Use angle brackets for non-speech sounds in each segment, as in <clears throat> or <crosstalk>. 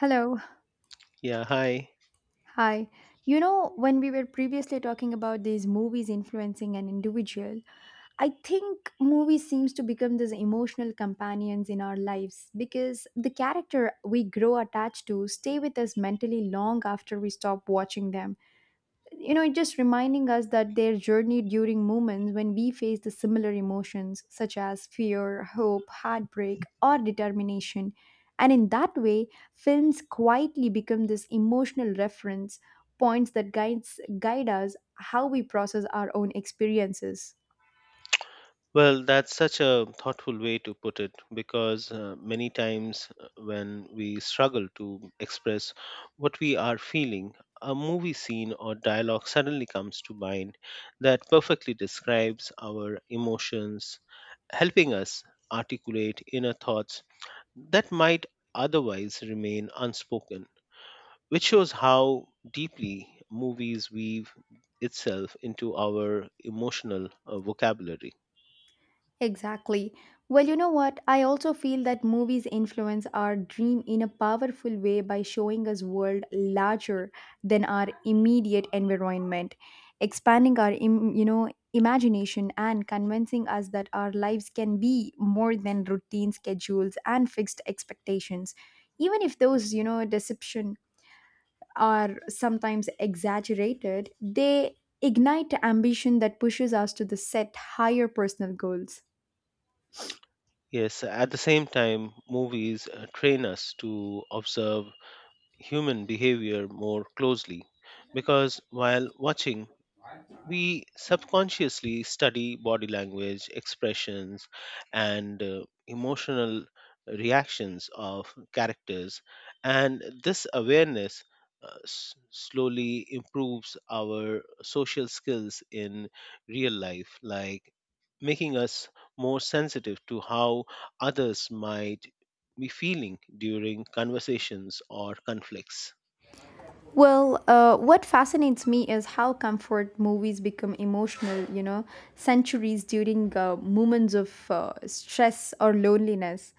Hello. Yeah, hi. Hi. You know, when we were previously talking about these movies influencing an individual, I think movies seems to become these emotional companions in our lives because the character we grow attached to stay with us mentally long after we stop watching them, you know, it just reminding us that their journey during moments when we face the similar emotions, such as fear, hope, heartbreak, or determination. And in that way, films quietly become this emotional reference points that guide us how we process our own experiences. Well, that's such a thoughtful way to put it because many times when we struggle to express what we are feeling, a movie scene or dialogue suddenly comes to mind that perfectly describes our emotions, helping us articulate inner thoughts that might otherwise remain unspoken, which shows how deeply movies weave itself into our emotional vocabulary. Exactly. Well, you know what? I also feel that movies influence our dream in a powerful way by showing us world larger than our immediate environment, expanding our you know, imagination and convincing us that our lives can be more than routine schedules and fixed expectations. Even if those, you know, deception are sometimes exaggerated, they ignite ambition that pushes us to the set higher personal goals. Yes, at the same time, movies train us to observe human behavior more closely because while watching, we subconsciously study body language, expressions, and emotional reactions of characters, and this awareness slowly improves our social skills in real life, like making us more sensitive to how others might be feeling during conversations or conflicts. Well, what fascinates me is how comfort movies become emotional, you know, centuries during moments of stress or loneliness.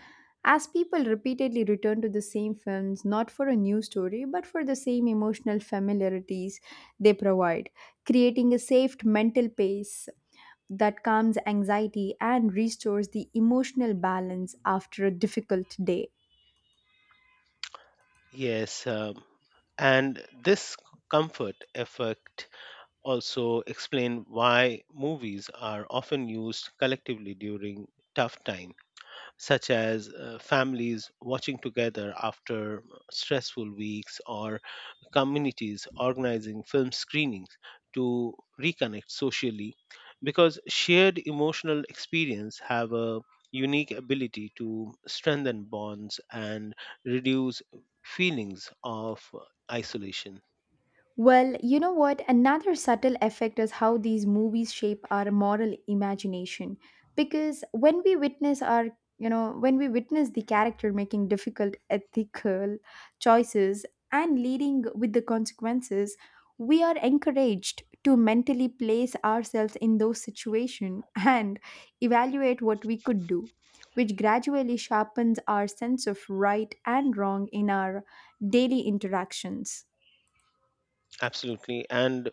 As people repeatedly return to the same films, not for a new story, but for the same emotional familiarities they provide, creating a safe mental pace that calms anxiety and restores the emotional balance after a difficult day. Yes, and this comfort effect also explain why movies are often used collectively during tough time such as families watching together after stressful weeks or communities organizing film screenings to reconnect socially because shared emotional experience have a unique ability to strengthen bonds and reduce feelings of isolation. Well, you know what? Another subtle effect is how these movies shape our moral imagination. Because when we witness the character making difficult ethical choices and leading with the consequences, we are encouraged to mentally place ourselves in those situations <laughs> and evaluate what we could do, which gradually sharpens our sense of right and wrong in our daily interactions. Absolutely, and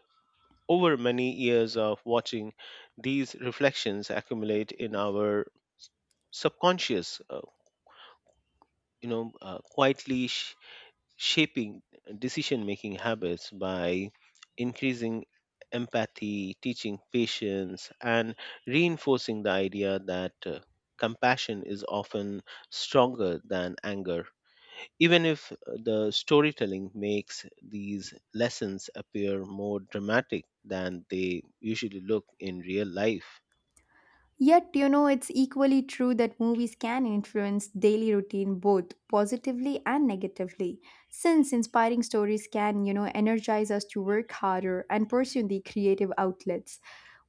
over many years of watching, these reflections accumulate in our subconscious, quietly shaping decision making habits by increasing empathy, teaching patience, and reinforcing the idea that compassion is often stronger than anger even if the storytelling makes these lessons appear more dramatic than they usually look in real life. Yet, you know, it's equally true that movies can influence daily routine both positively and negatively, since inspiring stories can, you know, energize us to work harder and pursue the creative outlets,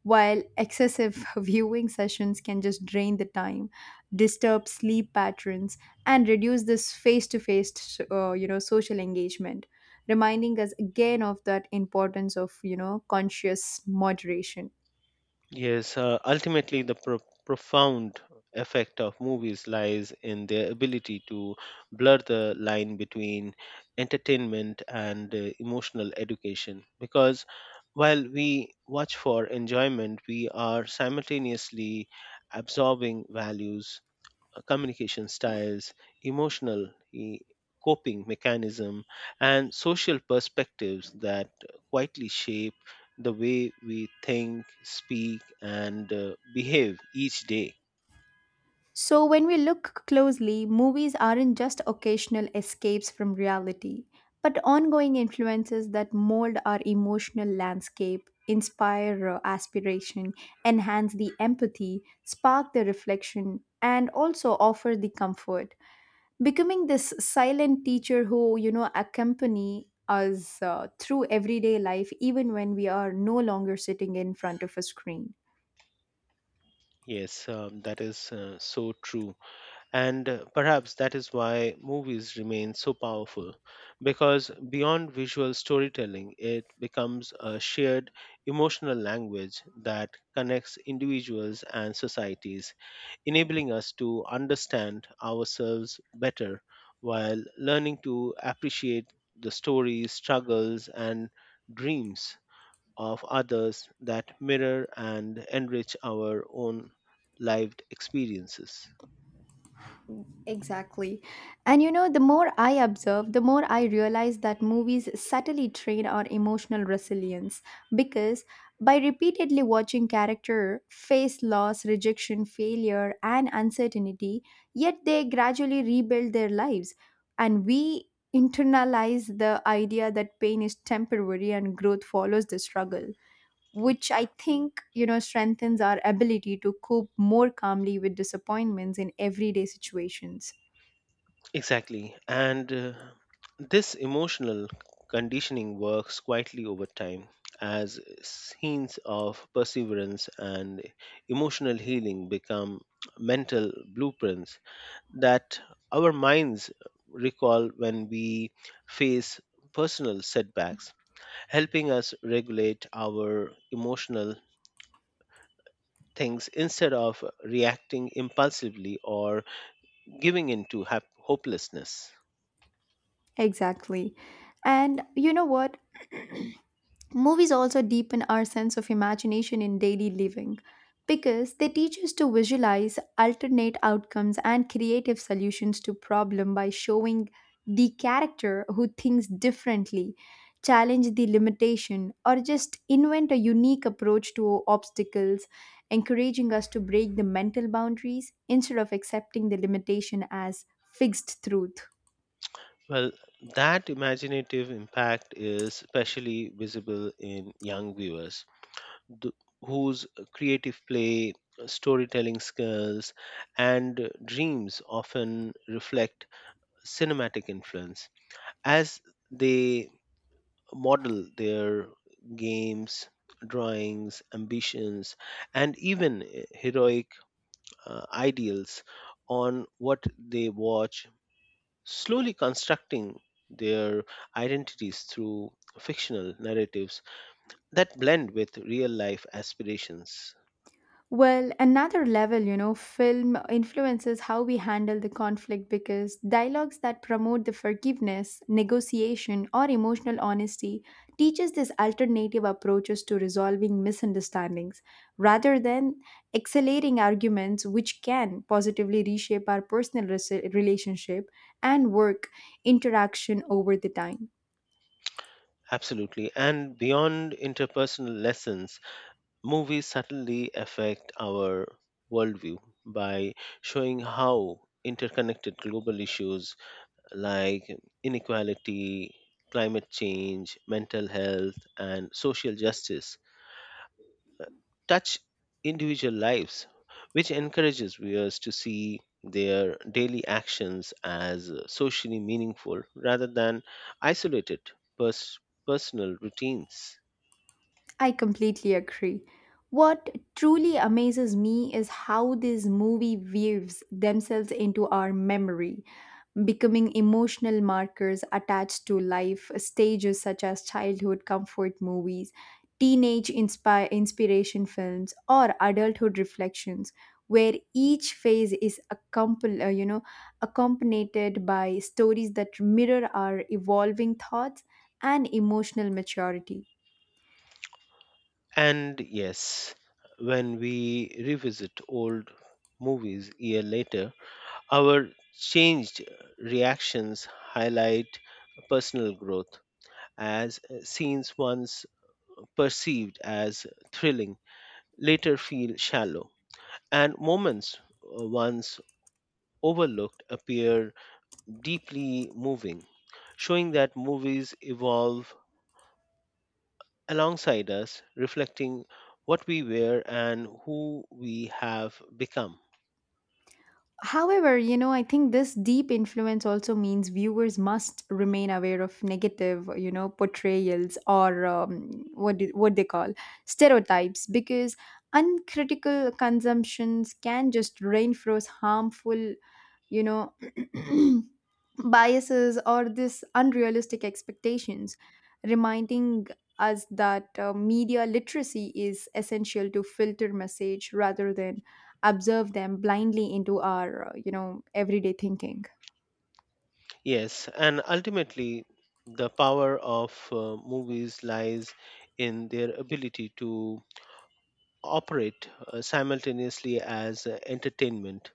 while excessive <laughs> viewing sessions can just drain the time, disturb sleep patterns, and reduce this face-to-face, you know, social engagement, reminding us again of that importance of, you know, conscious moderation. Yes, ultimately, the profound effect of movies lies in their ability to blur the line between entertainment and emotional education because while we watch for enjoyment, we are simultaneously absorbing values communication styles, emotional coping mechanism, and social perspectives that quietly shape the way we think, speak, and behave each day. So, when we look closely, movies aren't just occasional escapes from reality, but ongoing influences that mold our emotional landscape, inspire aspiration, enhance the empathy, spark the reflection, and also offer the comfort, becoming this silent teacher who, you know, accompany us through everyday life, even when we are no longer sitting in front of a screen. Yes, that is so true. And perhaps that is why movies remain so powerful, because beyond visual storytelling, it becomes a shared emotional language that connects individuals and societies, enabling us to understand ourselves better while learning to appreciate the stories, struggles, and dreams of others that mirror and enrich our own lived experiences. Exactly. And you know, the more I observe, the more I realize that movies subtly train our emotional resilience because by repeatedly watching character face loss, rejection, failure, and uncertainty, yet they gradually rebuild their lives. And we internalize the idea that pain is temporary and growth follows the struggle, which I think, you know, strengthens our ability to cope more calmly with disappointments in everyday situations. Exactly. And this emotional conditioning works quietly over time as scenes of perseverance and emotional healing become mental blueprints that our minds recall when we face personal setbacks, helping us regulate our emotional things instead of reacting impulsively or giving in to hopelessness. Exactly. And you know what? Movies also deepen our sense of imagination in daily living because they teach us to visualize alternate outcomes and creative solutions to problem by showing the character who thinks differently, challenge the limitation or just invent a unique approach to obstacles, encouraging us to break the mental boundaries instead of accepting the limitation as fixed truth. Well, that imaginative impact is especially visible in young viewers th- whose creative play, storytelling skills, and dreams often reflect cinematic influence as they model their games, drawings, ambitions, and even heroic ideals on what they watch, slowly constructing their identities through fictional narratives that blend with real life aspirations. Well, another level, you know, film influences how we handle the conflict because dialogues that promote the forgiveness, negotiation, or emotional honesty teaches these alternative approaches to resolving misunderstandings rather than accelerating arguments which can positively reshape our personal relationship and work interaction over the time. Absolutely. And beyond interpersonal lessons, movies subtly affect our worldview by showing how interconnected global issues like inequality, climate change, mental health, and social justice touch individual lives, which encourages viewers to see their daily actions as socially meaningful rather than isolated pers- personal routines. I completely agree. What truly amazes me is how these movie weaves themselves into our memory, becoming emotional markers attached to life stages such as childhood comfort movies, teenage inspiration films, or adulthood reflections, where each phase is accompanied by stories that mirror our evolving thoughts and emotional maturity. And yes, when we revisit old movies year later, our changed reactions highlight personal growth as scenes once perceived as thrilling later feel shallow and moments once overlooked appear deeply moving, showing that movies evolve alongside us, reflecting what we were and who we have become. However, you know, I think this deep influence also means viewers must remain aware of negative, you know, portrayals or what they call stereotypes because uncritical consumptions can just reinforce harmful, you know, <clears throat> biases or this unrealistic expectations, reminding us that media literacy is essential to filter message rather than observe them blindly into our, you know, everyday thinking. Yes, and ultimately, the power of movies lies in their ability to operate simultaneously as entertainment,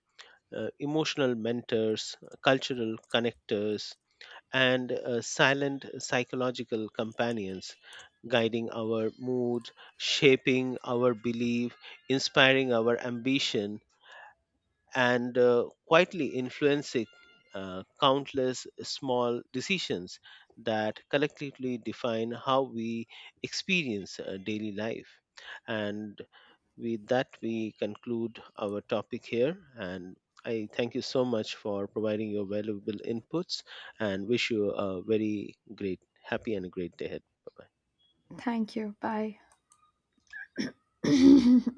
emotional mentors, cultural connectors, and silent psychological companions, guiding our mood, shaping our belief, inspiring our ambition, and quietly influencing countless small decisions that collectively define how we experience daily life. And with that, we conclude our topic here. And I thank you so much for providing your valuable inputs and wish you a very great, happy, and a great day ahead. Bye bye. Thank you. Bye. <clears throat>